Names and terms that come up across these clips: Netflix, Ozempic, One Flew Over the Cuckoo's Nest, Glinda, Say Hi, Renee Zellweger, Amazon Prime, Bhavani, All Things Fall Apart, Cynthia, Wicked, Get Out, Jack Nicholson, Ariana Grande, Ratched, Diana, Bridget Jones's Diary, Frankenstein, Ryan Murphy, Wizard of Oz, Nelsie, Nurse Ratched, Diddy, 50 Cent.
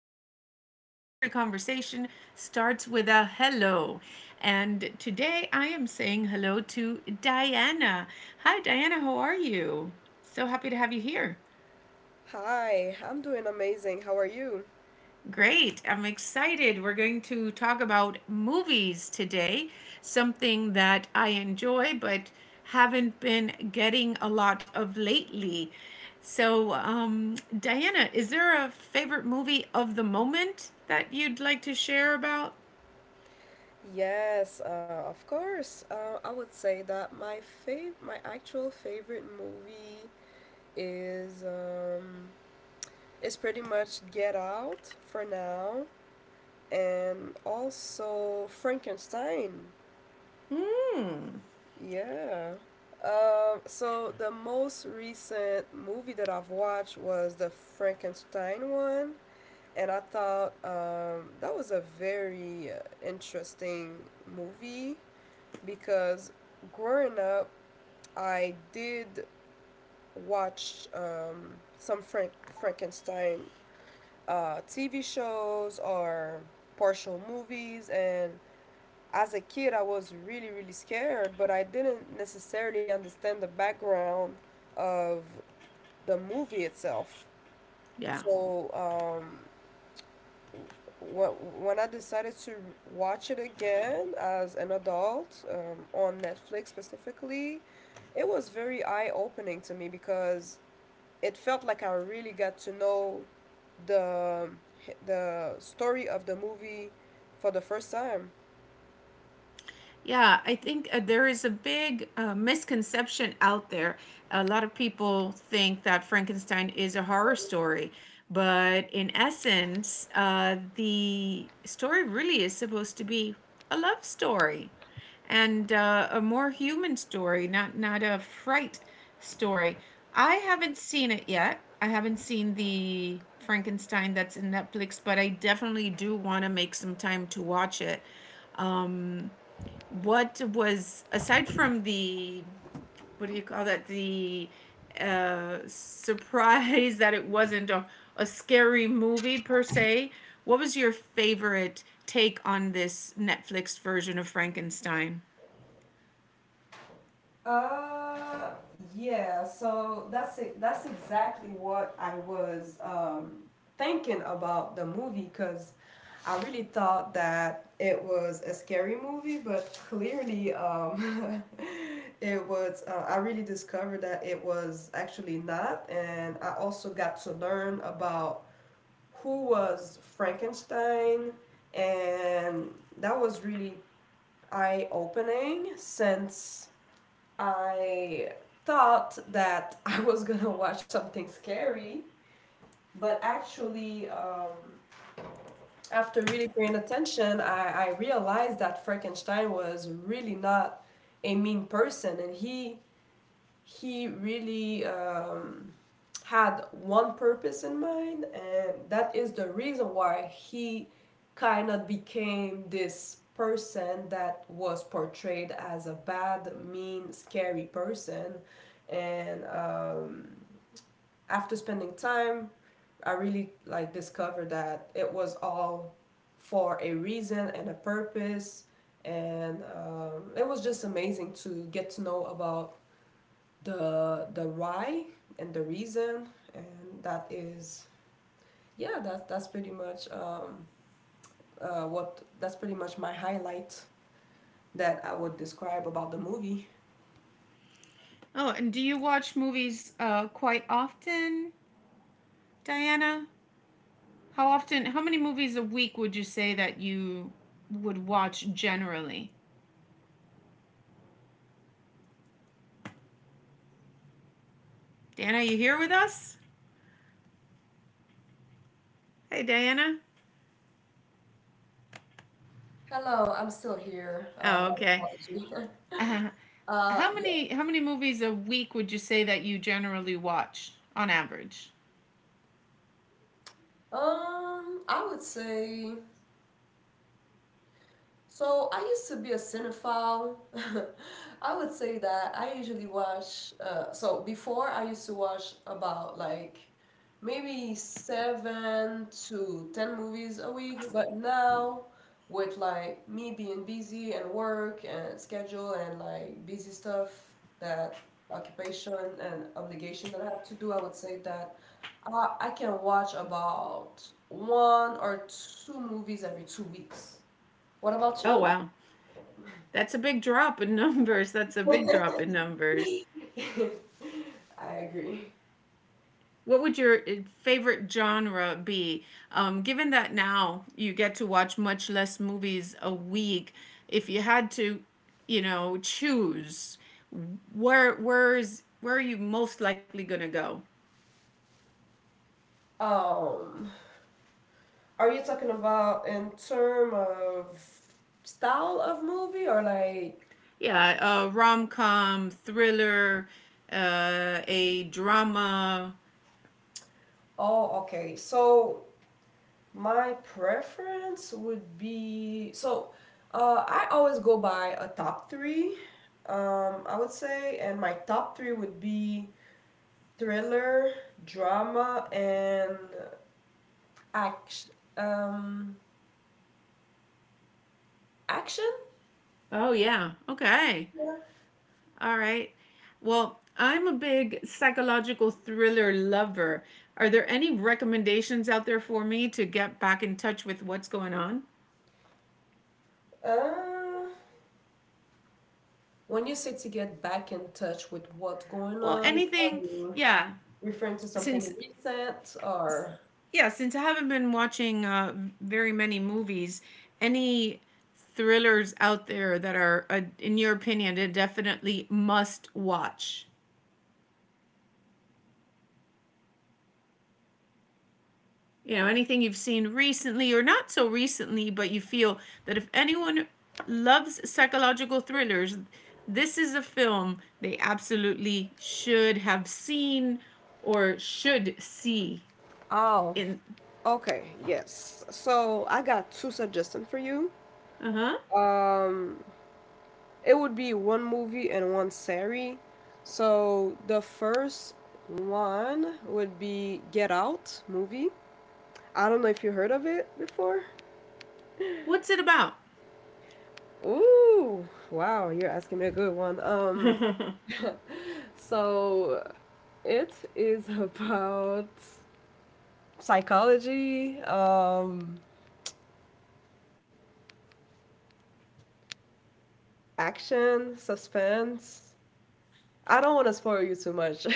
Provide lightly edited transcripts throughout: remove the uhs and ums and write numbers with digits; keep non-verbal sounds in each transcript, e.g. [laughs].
podcast where every conversation starts with a hello. And today I am saying hello to Diana. Hi, Diana, how are you? So happy to have you here. Hi, I'm doing amazing. How are you? Great. I'm excited. We're going to talk about movies today, something that I enjoy but haven't been getting a lot of lately. So, Diana, is there a favorite movie of the moment that you'd like to share about? Yes, of course. I would say that my fav my actual favorite movie is um, is pretty much Get Out for now, and also Frankenstein. Hmm. Yeah. So the most recent movie that I've watched was the Frankenstein one. And I thought that was a very interesting movie because growing up, I did watch some Frankenstein TV shows or partial movies. And as a kid, I was really really scared, but I didn't necessarily understand the background of the movie itself. Yeah. So when I decided to watch it again as an adult on Netflix specifically, it was very eye opening to me because it felt like I really got to know the the story of the movie for the first time. Yeah, I think there is a big misconception out there. A lot of people think that Frankenstein is a horror story, but in essence, the story really is supposed to be a love story and a more human story, not a fright story. I haven't seen it yet. I haven't seen the Frankenstein that's in Netflix, but I definitely do want to make some time to watch it. Um, what was aside from the what do you call that the surprise [laughs] that it wasn't a scary movie per se, what was your favorite take on this Netflix version of Frankenstein? Uh, yeah. So that's it. That's exactly what I was thinking about the movie because I really thought that it was a scary movie, but clearly, [laughs] it was. I really discovered that it was actually not, and I also got to learn about who was Frankenstein. And that was really eye opening, since I thought that [laughs] I was gonna watch something scary, but actually, after really paying attention, I realized that Frankenstein was really not a mean person, and he really had one purpose in mind, and that is the reason why he kind of became this person that was portrayed as a bad, mean, scary person. And after spending time, I really like discovered that it was all for a reason and a purpose. And it was just amazing to get to know about the why and the reason. And that is, yeah, that's pretty much my highlight that I would describe about the movie. Oh, and do you watch movies quite often, Diana? How many movies a week would you say that you would watch generally? Diana, you here with us? Hey, Diana. Hello, I'm still here. Oh, My okay. apology. Uh, [laughs] how yeah. many how many movies a week would you say that you generally watch on average? I would say. So I used to be a cinephile. [laughs] I would say that I usually watch. So before, I used to watch about like maybe 7 to 10 movies a week, but now with like me being busy and work and schedule and like busy stuff, that occupation and obligation that I have to do, I would say that I can watch about one or two movies every 2 weeks. What about Oh you? wow, that's a big drop in [laughs] numbers. [laughs] That's a big drop in I numbers. agree. What would your favorite genre be? Given that now you get to watch much less movies a week, if you had to, you know, choose, where are you most likely gonna go? Um, are you talking about in term of style of movie or like? Yeah, rom com, thriller, a drama. Oh, okay. So my preference would be, so. I always go by a top three. I would say, and my top three would be thriller, drama, and action. Um, Action. Oh, yeah. Okay. All right. Well, I'm a big psychological thriller lover. Are there any recommendations out there for me to get back in touch with what's going on? Uh, When you say to get back in touch with what's going Well, on, are anything, you yeah. referring to something Since recent or? yeah, since I haven't been watching very many movies, any thrillers out there that are, in your opinion, a definitely must watch? You know, anything you've seen recently or not so recently but you feel that if anyone loves psychological thrillers, this is a film they absolutely should have seen or should see Oh, in. okay, yes. So I got two suggestions for you. Uh-huh. Um, it would be one movie and one series. So the first one would be Get Out movie. I don't know if you heard of it before. [laughs] What's it about? Ooh, wow, you're asking me a good one. [laughs] So it is about psychology, action, suspense. I don't want to spoil you too much.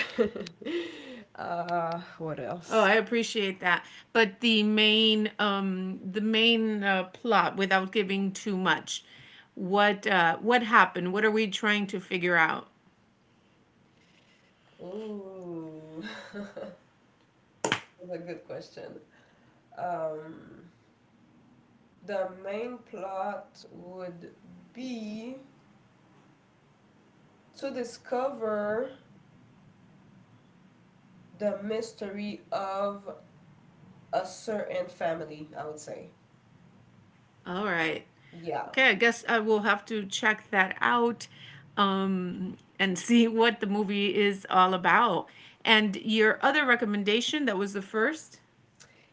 [laughs] what Oh, else? I appreciate that, but the main plot, without giving too much, what happened, what are we trying to figure out? Ooh, [laughs] that's a good question. Um, the main plot would be to discover the mystery of a certain family, I would say. All right. Yeah. Okay, I guess I will have to check that out and [laughs] see what the movie is all about. And your other recommendation, that was the first?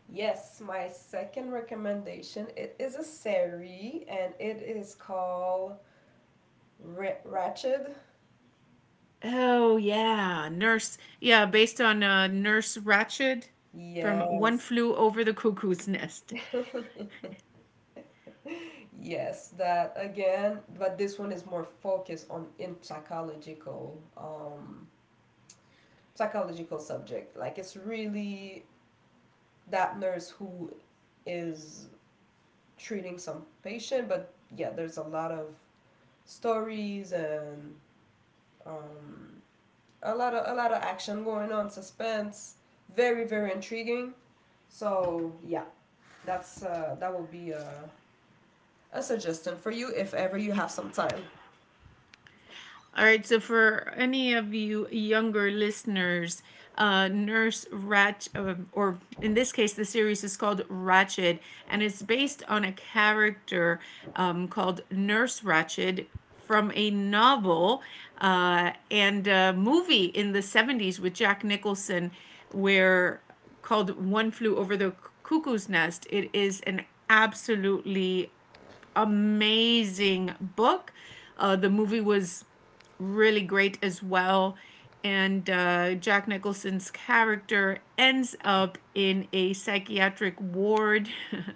Yes, my second recommendation, it is a series and it is called Ratched. Oh, yeah, Nurse. Yeah, based on Nurse Ratched from One Yes. Flew Over the Cuckoo's Nest. [laughs] Yes, that again, but this one is more focused on in psychological psychological subject. Like, it's really that nurse who is treating some patient. But yeah, there's a lot of stories and um a lot of action going on, suspense, very very intriguing. So yeah, that will be a suggestion for you if ever you have some time. All right, so for any of you younger listeners, Nurse Ratched, or in this case, the series is called Ratched, and it's based on a character called Nurse Ratched from a novel and a movie in the 70s with Jack Nicholson, where called One Flew Over the Cuckoo's Nest. It is an absolutely amazing book. The movie was really great as well. And Jack Nicholson's character ends up in a psychiatric ward. [laughs]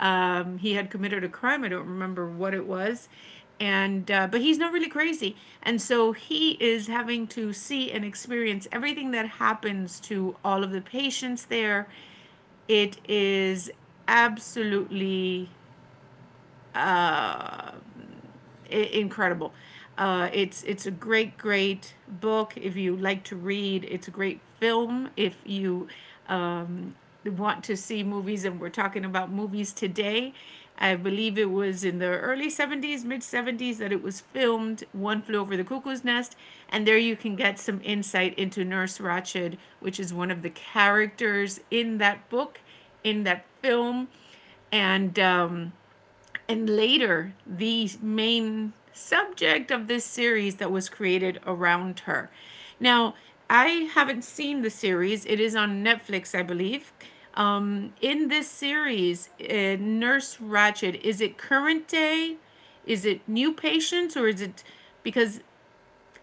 Um, he had committed a crime, I don't remember what it was. And but he's not really crazy, and so he is having to see and experience everything that happens to all of the patients there. It is absolutely uh, incredible. It's a great book if you like to read. It's a great film if you um, want to see movies, and we're talking about movies today. I believe it was in the early 70s, mid 70s that it was filmed, One Flew Over the Cuckoo's Nest, and there you can get some insight into Nurse Ratched, which is one of the characters in that book, in that film, and and later the main subject of this series that was created around her. Now, I haven't seen the series, it is on Netflix, I believe. In this series, Nurse Ratchet, is it current day? Is it new patients or is it, because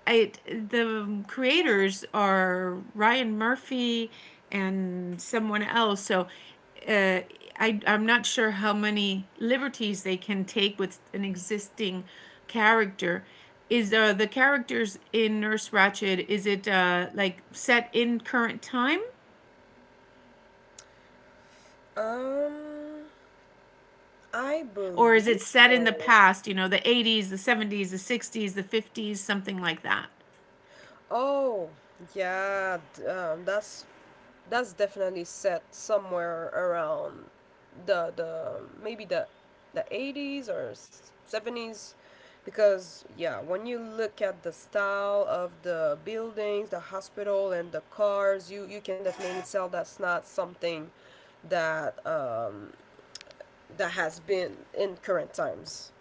I the creators are Ryan Murphy and someone else. So uh, I'm not sure how many liberties they can take with an existing character. Is the characters in Nurse Ratched, is it like set in current time? Um, I Or is believe it set in the so. past, you know, the 80s, the 70s, the 60s, the 50s, something like that? Oh, yeah, that's definitely set somewhere around the maybe the 80s or 70s, because yeah, when you look at the style of the buildings, the hospital, and the cars, you can definitely tell that's not something that that has been in current times.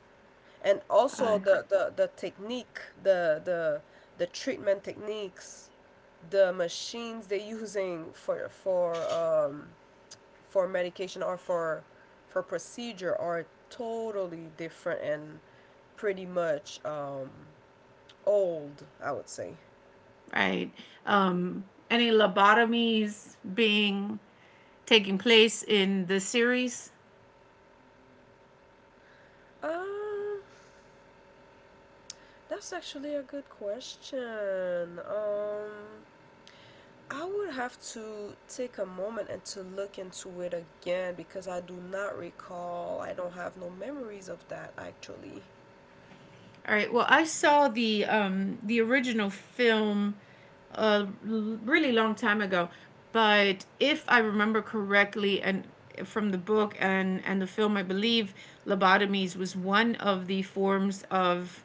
And also, Uh, the technique, the treatment techniques, the machines they're using for medication or for procedure are totally different and pretty much old, I would say. right. Any lobotomies being taking place in the series? um that's actually a good question. I would have to take a moment and to look into it again because I do not recall. I don't have no memories of that actually. All right. Well, I saw the original film a really long time ago, but if I remember correctly, and from the book and the film, I believe lobotomies was one of the forms of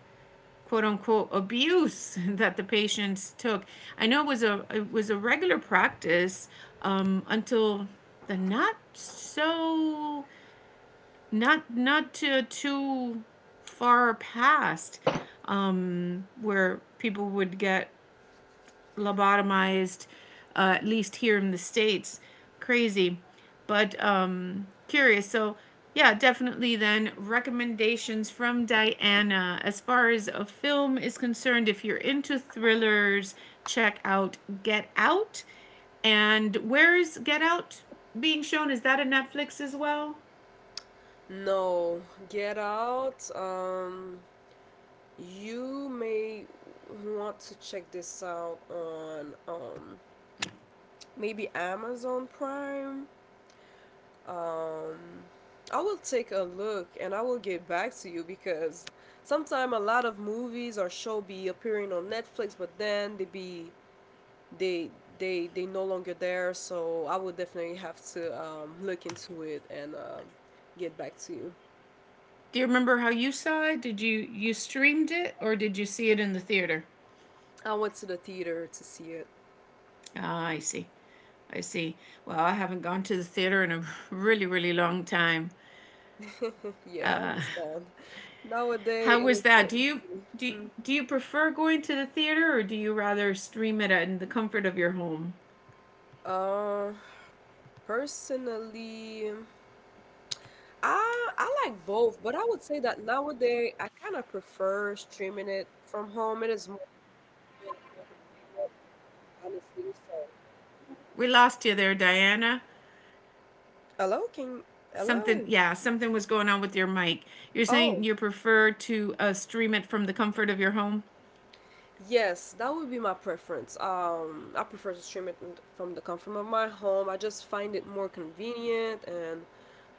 quote unquote abuse [laughs] that the patients took. I know it was a regular practice until the not so not to, too far past where people would get lobotomized, at least here in the states. Crazy, but curious. So yeah, definitely. Then recommendations from Diana as far as a film is concerned. If you're into thrillers, check out Get Out. And where is Get Out being shown? Is that a Netflix as well? No, Get Out. You may want to check this out on maybe Amazon Prime. Um, I will take a look and I will get back to you, because sometimes a lot of movies or show be appearing on Netflix, but then they be they they no longer there. So I would definitely have to look into it and get back to you. Do you remember how you saw it? Did you streamed it, or did you see it in the theater? I went to the theater to see it. Ah, I see. I see. Well, I haven't gone to the theater in a really long time. [laughs] Yeah, I understand. How Nowadays it was is that? so do easy. do you prefer going to the theater, or do you rather stream it in the comfort of your home? um Personally, I like both, but I would say that nowadays I kind of prefer streaming it from home. It is more convenient, honestly, so. We lost you there, Diana. Hello, King. Something, Hello. yeah, something was going on with your mic. You're saying Oh. you prefer to stream it from the comfort of your home? Yes, that would be my preference. I prefer to stream it from the comfort of my home. I just find it more convenient and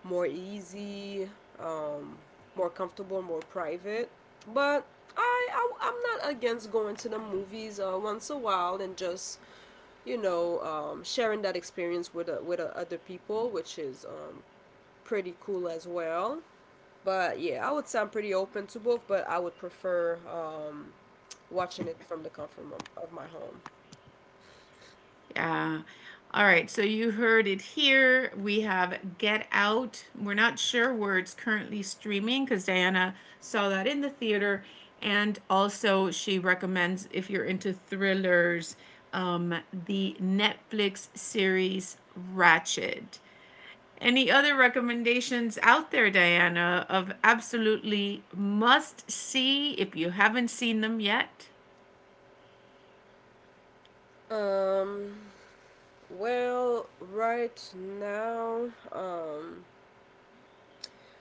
more easy, um, more comfortable, more private. But I am not against going to the movies once a while, and just sharing that experience with other people, which is pretty cool as well. But yeah, I would say I'm pretty open to both, but I would prefer watching it from the comfort of my home. Yeah. All right. So you heard it here. We have Get Out. We're not sure where it's currently streaming because Diana saw that in the theater. And also, she recommends if you're into thrillers, the Netflix series Ratchet. Any other recommendations out there, Diana, of absolutely must see if you haven't seen them yet? Um, well, right now,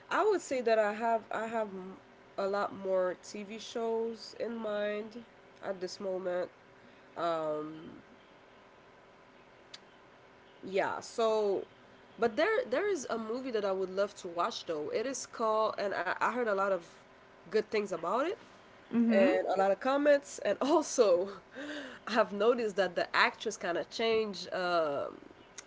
I would say that I have a lot more TV shows in mind at this moment. Um, yeah, so, but there is a movie that I would love to watch though. It is called, and I heard a lot of good things about it, Mm hmm. and a lot of comments. And also, [laughs] I've noticed that the actress kind of changed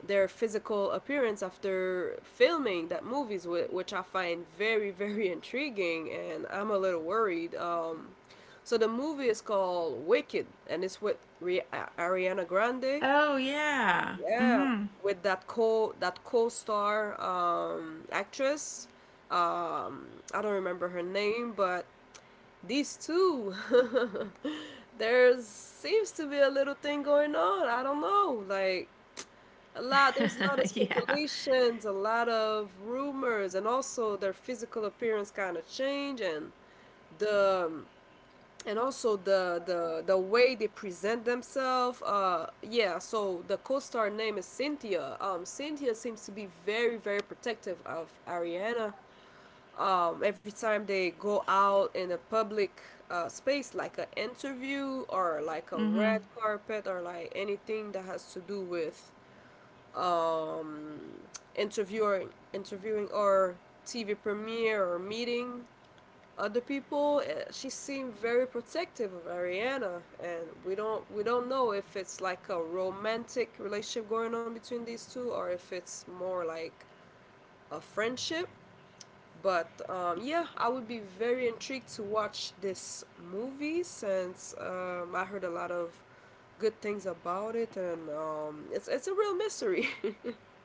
their physical appearance after filming that movies, which I find very, [laughs] very intriguing. And I'm a little worried. So the movie is called Wicked, and it's with Ariana Grande. Oh, yeah. Mm Yeah, hmm. with that co that co-star actress. Um, I don't remember her name, but these two, [laughs] there seems to be a little thing going on. I don't know, like, a lot. There's a lot of [laughs] Yeah, speculations, a lot of rumors, and also their physical appearance kind of change. And the and also the way they present themselves. Yeah, so the co-star name is Cynthia. Cynthia seems to be very very protective of Ariana. Every time they go out in a public space, like an interview or like a red carpet or like anything that has to do with um, interviewer interviewing or TV premiere or meeting other people. She seemed very protective of Ariana, and we don't know if it's like a romantic relationship going on between these two, or if it's more like a friendship. But yeah, I would be very intrigued to watch this movie, since I heard a lot of good things about it, and it's a real mystery.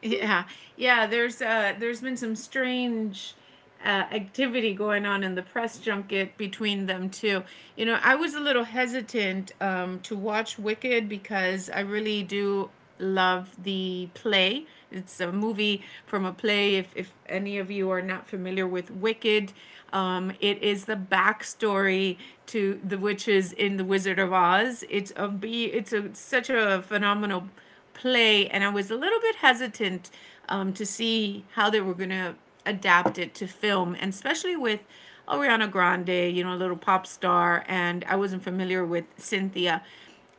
yeah, yeah. There's been some strange activity going on in the press junket between them too. You know, I was a little hesitant to watch Wicked because I really do love the play. It's a movie from a play. If any of you are not familiar with Wicked, it is the backstory to the witches in The Wizard of Oz. It's a such a phenomenal play, and I was a little bit hesitant to see how they were going to adapt it to film, and especially with Ariana Grande, you know, a little pop star, and I wasn't familiar with Cynthia.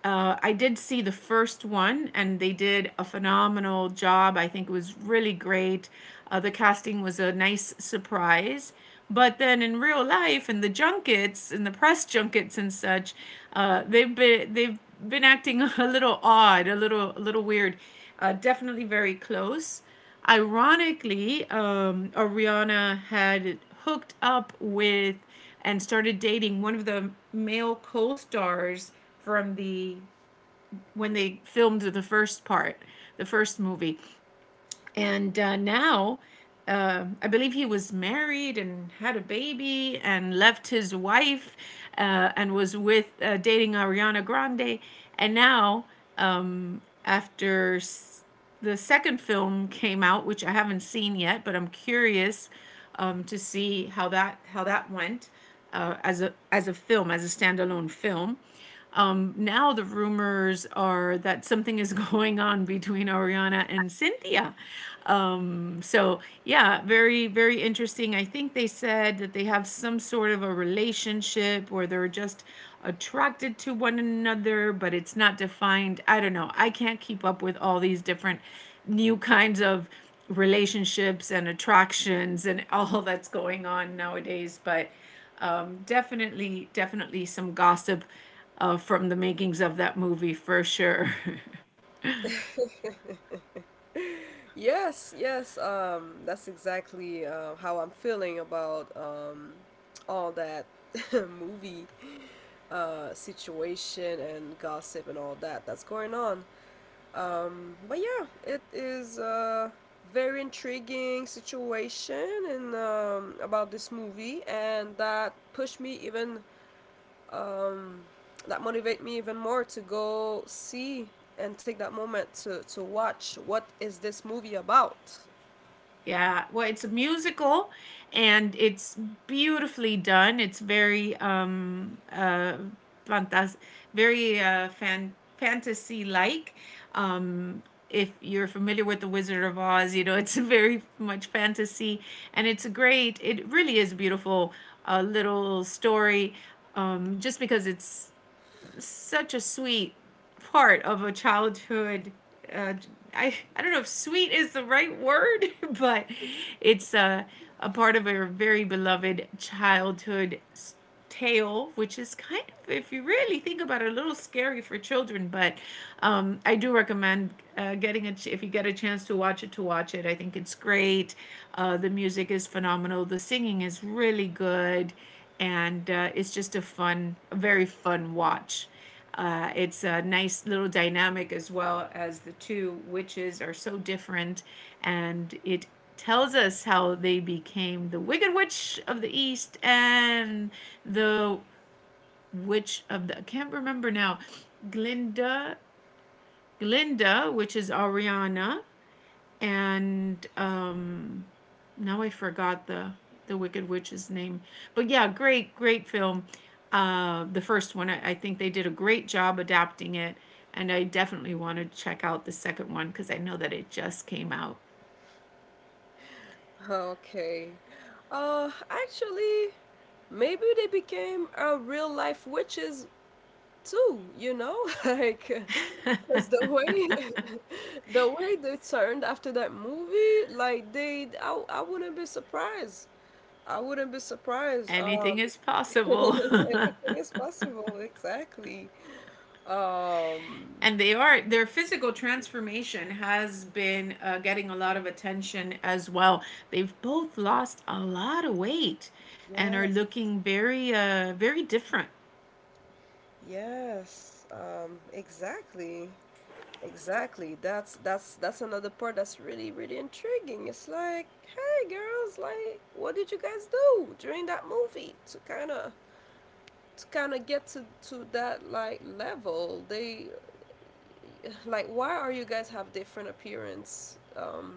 I did see the first one, and they did a phenomenal job. I think it was really great. The casting was a nice surprise. But then in real life, in the junkets, in the press junkets and such, they've been acting [laughs] a little odd, a little weird. Definitely very close. Ironically, Ariana had hooked up with and started dating one of the male co-stars from the when they filmed the first part, the first movie. And now, I believe he was married and had a baby and left his wife and was with dating Ariana Grande. And now, um, after the second film came out, which I haven't seen yet, but I'm curious to see how that went as a film, as a standalone film. Now the rumors are that something is [laughs] going on between Ariana and Cynthia. So yeah, very interesting. I think they said that they have some sort of a relationship, or they're just attracted to one another, but it's not defined. I don't know. I can't keep up with all these different new kinds of relationships and attractions and [laughs] all that's going on nowadays, but definitely, definitely some gossip from the makings of that movie for sure. [laughs] [laughs] Yes, yes, that's exactly how I'm feeling about all that [laughs] movie situation and gossip and all that that's going on. But yeah, it is a very intriguing situation and about this movie, and um, that motivate me even more to go see, and take that moment to watch what is this movie about. Yeah, well, it's a musical, and it's beautifully done. It's very fantas- very fantasy like. Um, if you're familiar with the Wizard of Oz, you know it's [laughs] very much fantasy, and it's a great. It really is a beautiful little story, just because it's such a sweet part of a childhood. Uh, I don't know if sweet is the right word, [laughs] but it's a part of a very beloved childhood tale, which is kind of, if you really think about it, a little scary for children. But I do recommend getting it if you get a chance to watch it. To watch it, I think it's great. The music is phenomenal. The singing is really good, and it's just a fun, a very fun watch. It's a nice little dynamic as well as the two witches are so different, and it tells us how they became the Wicked Witch of the East and the Witch of the I can't remember now, Glinda, Glinda, which is Ariana, and now I forgot the Wicked Witch's name, but yeah, great film. The first one, I think they did a great job adapting it, and I definitely want to check out the second one because I know that it just came out. Okay, actually, maybe they became a real life witches too, you know? [laughs] Like, because the way [laughs] the way they turned after that movie, like I wouldn't be surprised. I wouldn't be surprised. Anything is [laughs] possible. anything [laughs] is possible, exactly. Um, And they are their physical transformation has been getting a lot of attention as well. They've both lost a lot of weight, and are yes, looking very different, yes, exactly. Exactly. That's another part that's really really intriguing. It's like, hey girls, like, what did you guys do during that movie to kind of get to that like level? They, like, why are you guys have different appearance?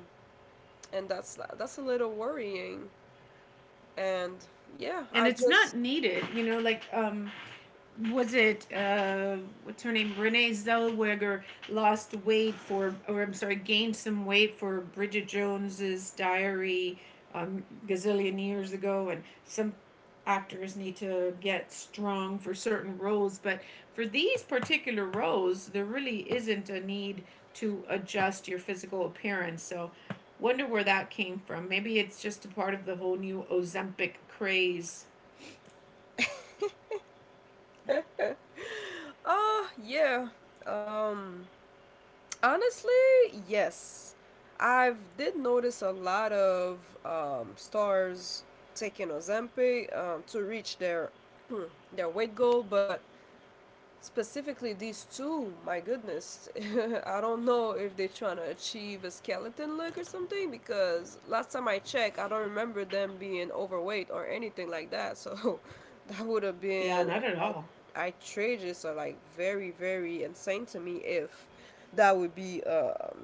And that's a little worrying. And yeah, and I it's not just, needed, like was it what's her name, Renee Zellweger, lost weight for, or I'm sorry, gained some weight for Bridget Jones's Diary gazillion years ago. And some actors need to get strong for certain roles, but for these particular roles there really isn't a need to adjust your physical appearance, so wonder where that came from. Maybe it's just a part of the whole new Ozempic craze. [laughs] oh yeah, um. Honestly, yes. I've did notice a lot of stars taking Ozempic to reach their [clears throat] their weight goal. But specifically these two, my goodness, [laughs] I don't know if they're trying to achieve a skeleton look or something, because last time I checked, I don't remember them being overweight or anything like that. So [laughs] that would have Yeah, been not at all. outrageous, or like very very insane to me, if that would be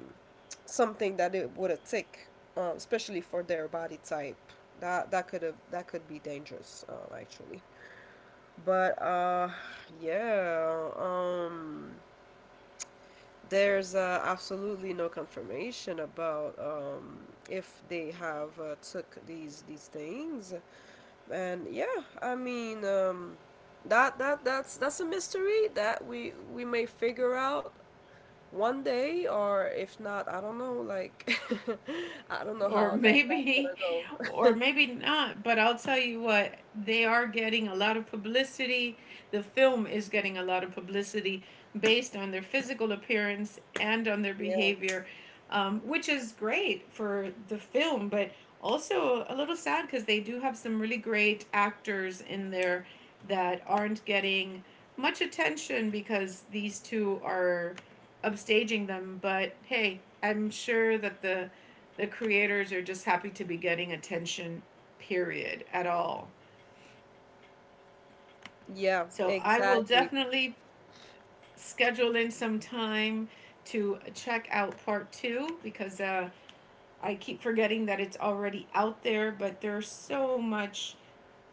something that it would have take, especially for their body type. That could be dangerous, actually. But yeah, there's absolutely no confirmation about if they have took these things. And yeah, I mean, that's a mystery that we may figure out one day. Or if not, I don't know, like [laughs] I don't know Or [laughs] how that's gonna maybe, go. [laughs] or maybe not. But I'll tell you what, they are getting a lot of publicity. The film is getting a lot of publicity based on their physical appearance and on their Yeah. behavior, which is great for the film, but also a little sad because they do have some really great actors in there that aren't getting much attention because these two are upstaging them. But hey, I'm sure that the creators are just happy to be getting attention, period, at all. Yeah, So I will exactly. definitely schedule in some time to check out part two because I keep forgetting that it's already out there, but there's so much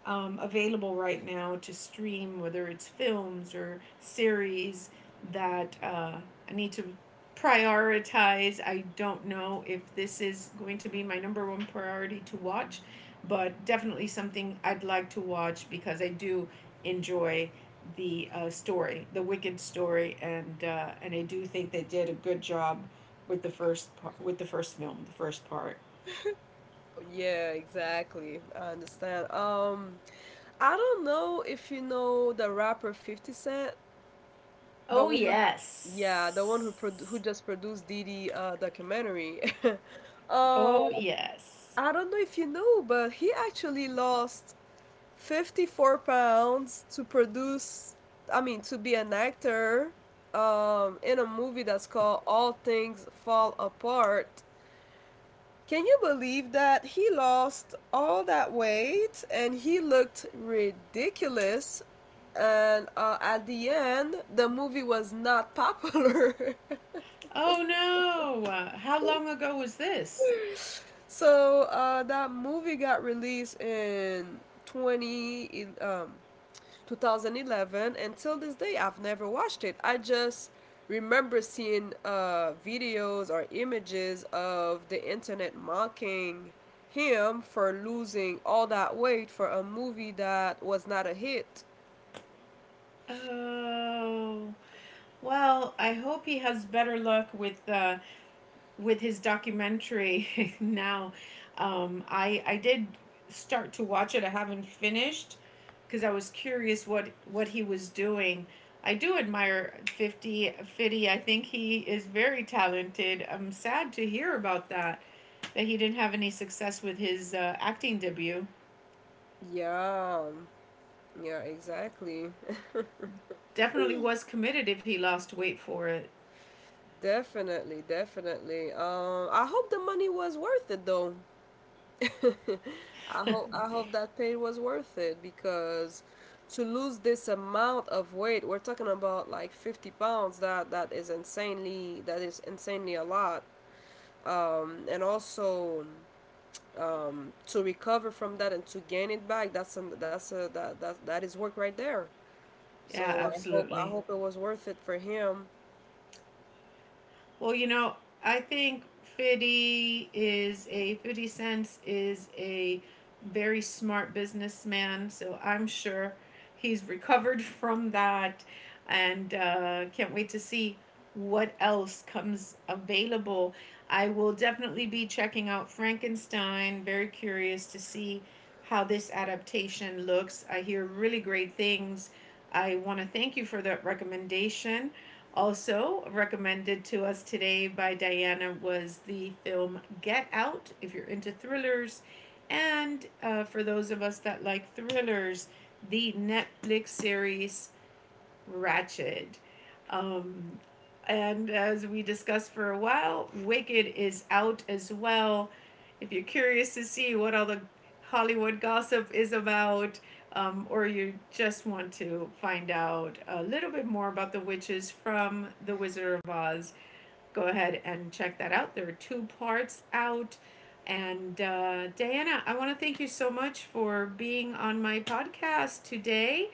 available right now to stream, whether it's films or series that I need to prioritize. I don't know if this is going to be my number one priority to watch, but definitely something I'd like to watch because I do enjoy the story, the Wicked story, and I do think they did a good job with the first film, the first part. Yeah, exactly. I understand. I don't know if you know the rapper 50 Cent, the Oh one, yeah, the one who yes. just produced Diddy' documentary. [laughs] Uh, Oh yes. I don't know if you know, but he actually lost 54 pounds to produce, I mean, to be an actor in a movie that's called All Things Fall Apart. Can you believe that he lost all that weight and he looked ridiculous? And at the end, the movie was not popular. [laughs] Oh no! How long ago was this? So that movie got released in 20 2011, and till this day I've never watched it. I just remember seeing videos or images of the internet mocking him for losing all that weight for a movie that was not a hit. Oh. Well, I hope he has better luck with his documentary [laughs] now. I did start to watch it. I haven't finished because I was curious what he was doing. I do admire 50 Fitty. I think he is very talented. I'm sad to hear about that he didn't have any success with his acting debut. Yeah, yeah, exactly. Definitely was committed if he lost weight for it. Definitely, definitely. I hope the money was worth it though. [laughs] [laughs] I Yeah, hope I hope that pain was worth it, because to lose this amount of weight, we're talking about like 50 pounds. That is insanely a lot. And also, to recover from that and to gain it back, that's an, that's a that, that that is work right there. So I hope I absolutely. hope it was worth it for him. Well, you know, I think 50 cents is a very smart businessman, so I'm sure he's recovered [laughs] from that and can't wait to see what else comes available. I will definitely be checking out Frankenstein, very curious to see how this adaptation looks. I hear really great things. I want to thank you for that recommendation. Also, recommended to us today by Diana was the film Get Out, if you're into thrillers. And for those of us that like thrillers, the Netflix series Ratchet. And as we discussed for a while, Wicked is out as well. If you're curious to see what all the Hollywood gossip is about, or you just want to find out a little bit more about the witches from The Wizard of Oz, go ahead and check that out. There are two parts out. And Diana, I want to thank you so much for being on my podcast today.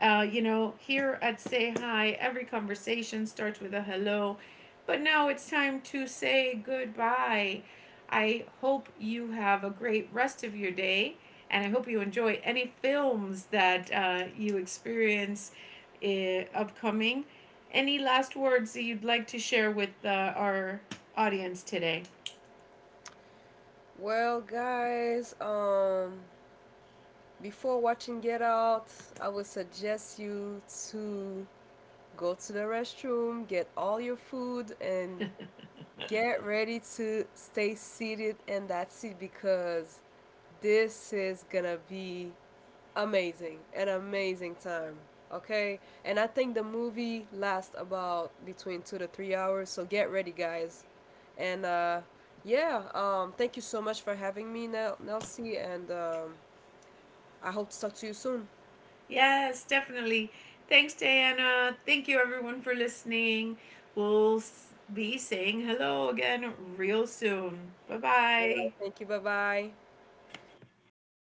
You know, here at Say Hi, every conversation starts with a hello, but now it's time to say goodbye. I hope you have a great rest of your day, and I hope you enjoy any films that you experience upcoming. Any last words that you'd like to share with our audience today? Well, guys, before watching Get Out, I would suggest you to go to the restroom, get all your food, and get ready to stay seated in that seat, because this is gonna be amazing, an amazing time. Okay, and I think the movie lasts about between 2 to 3 hours, so get ready, guys. And yeah, thank you so much for having me, Nelsie, and I hope to talk to you soon. Yes, definitely. Thanks, Diana. Thank you, everyone, for listening. We'll be saying hello again real soon. Bye All right. bye. Thank you. Bye bye.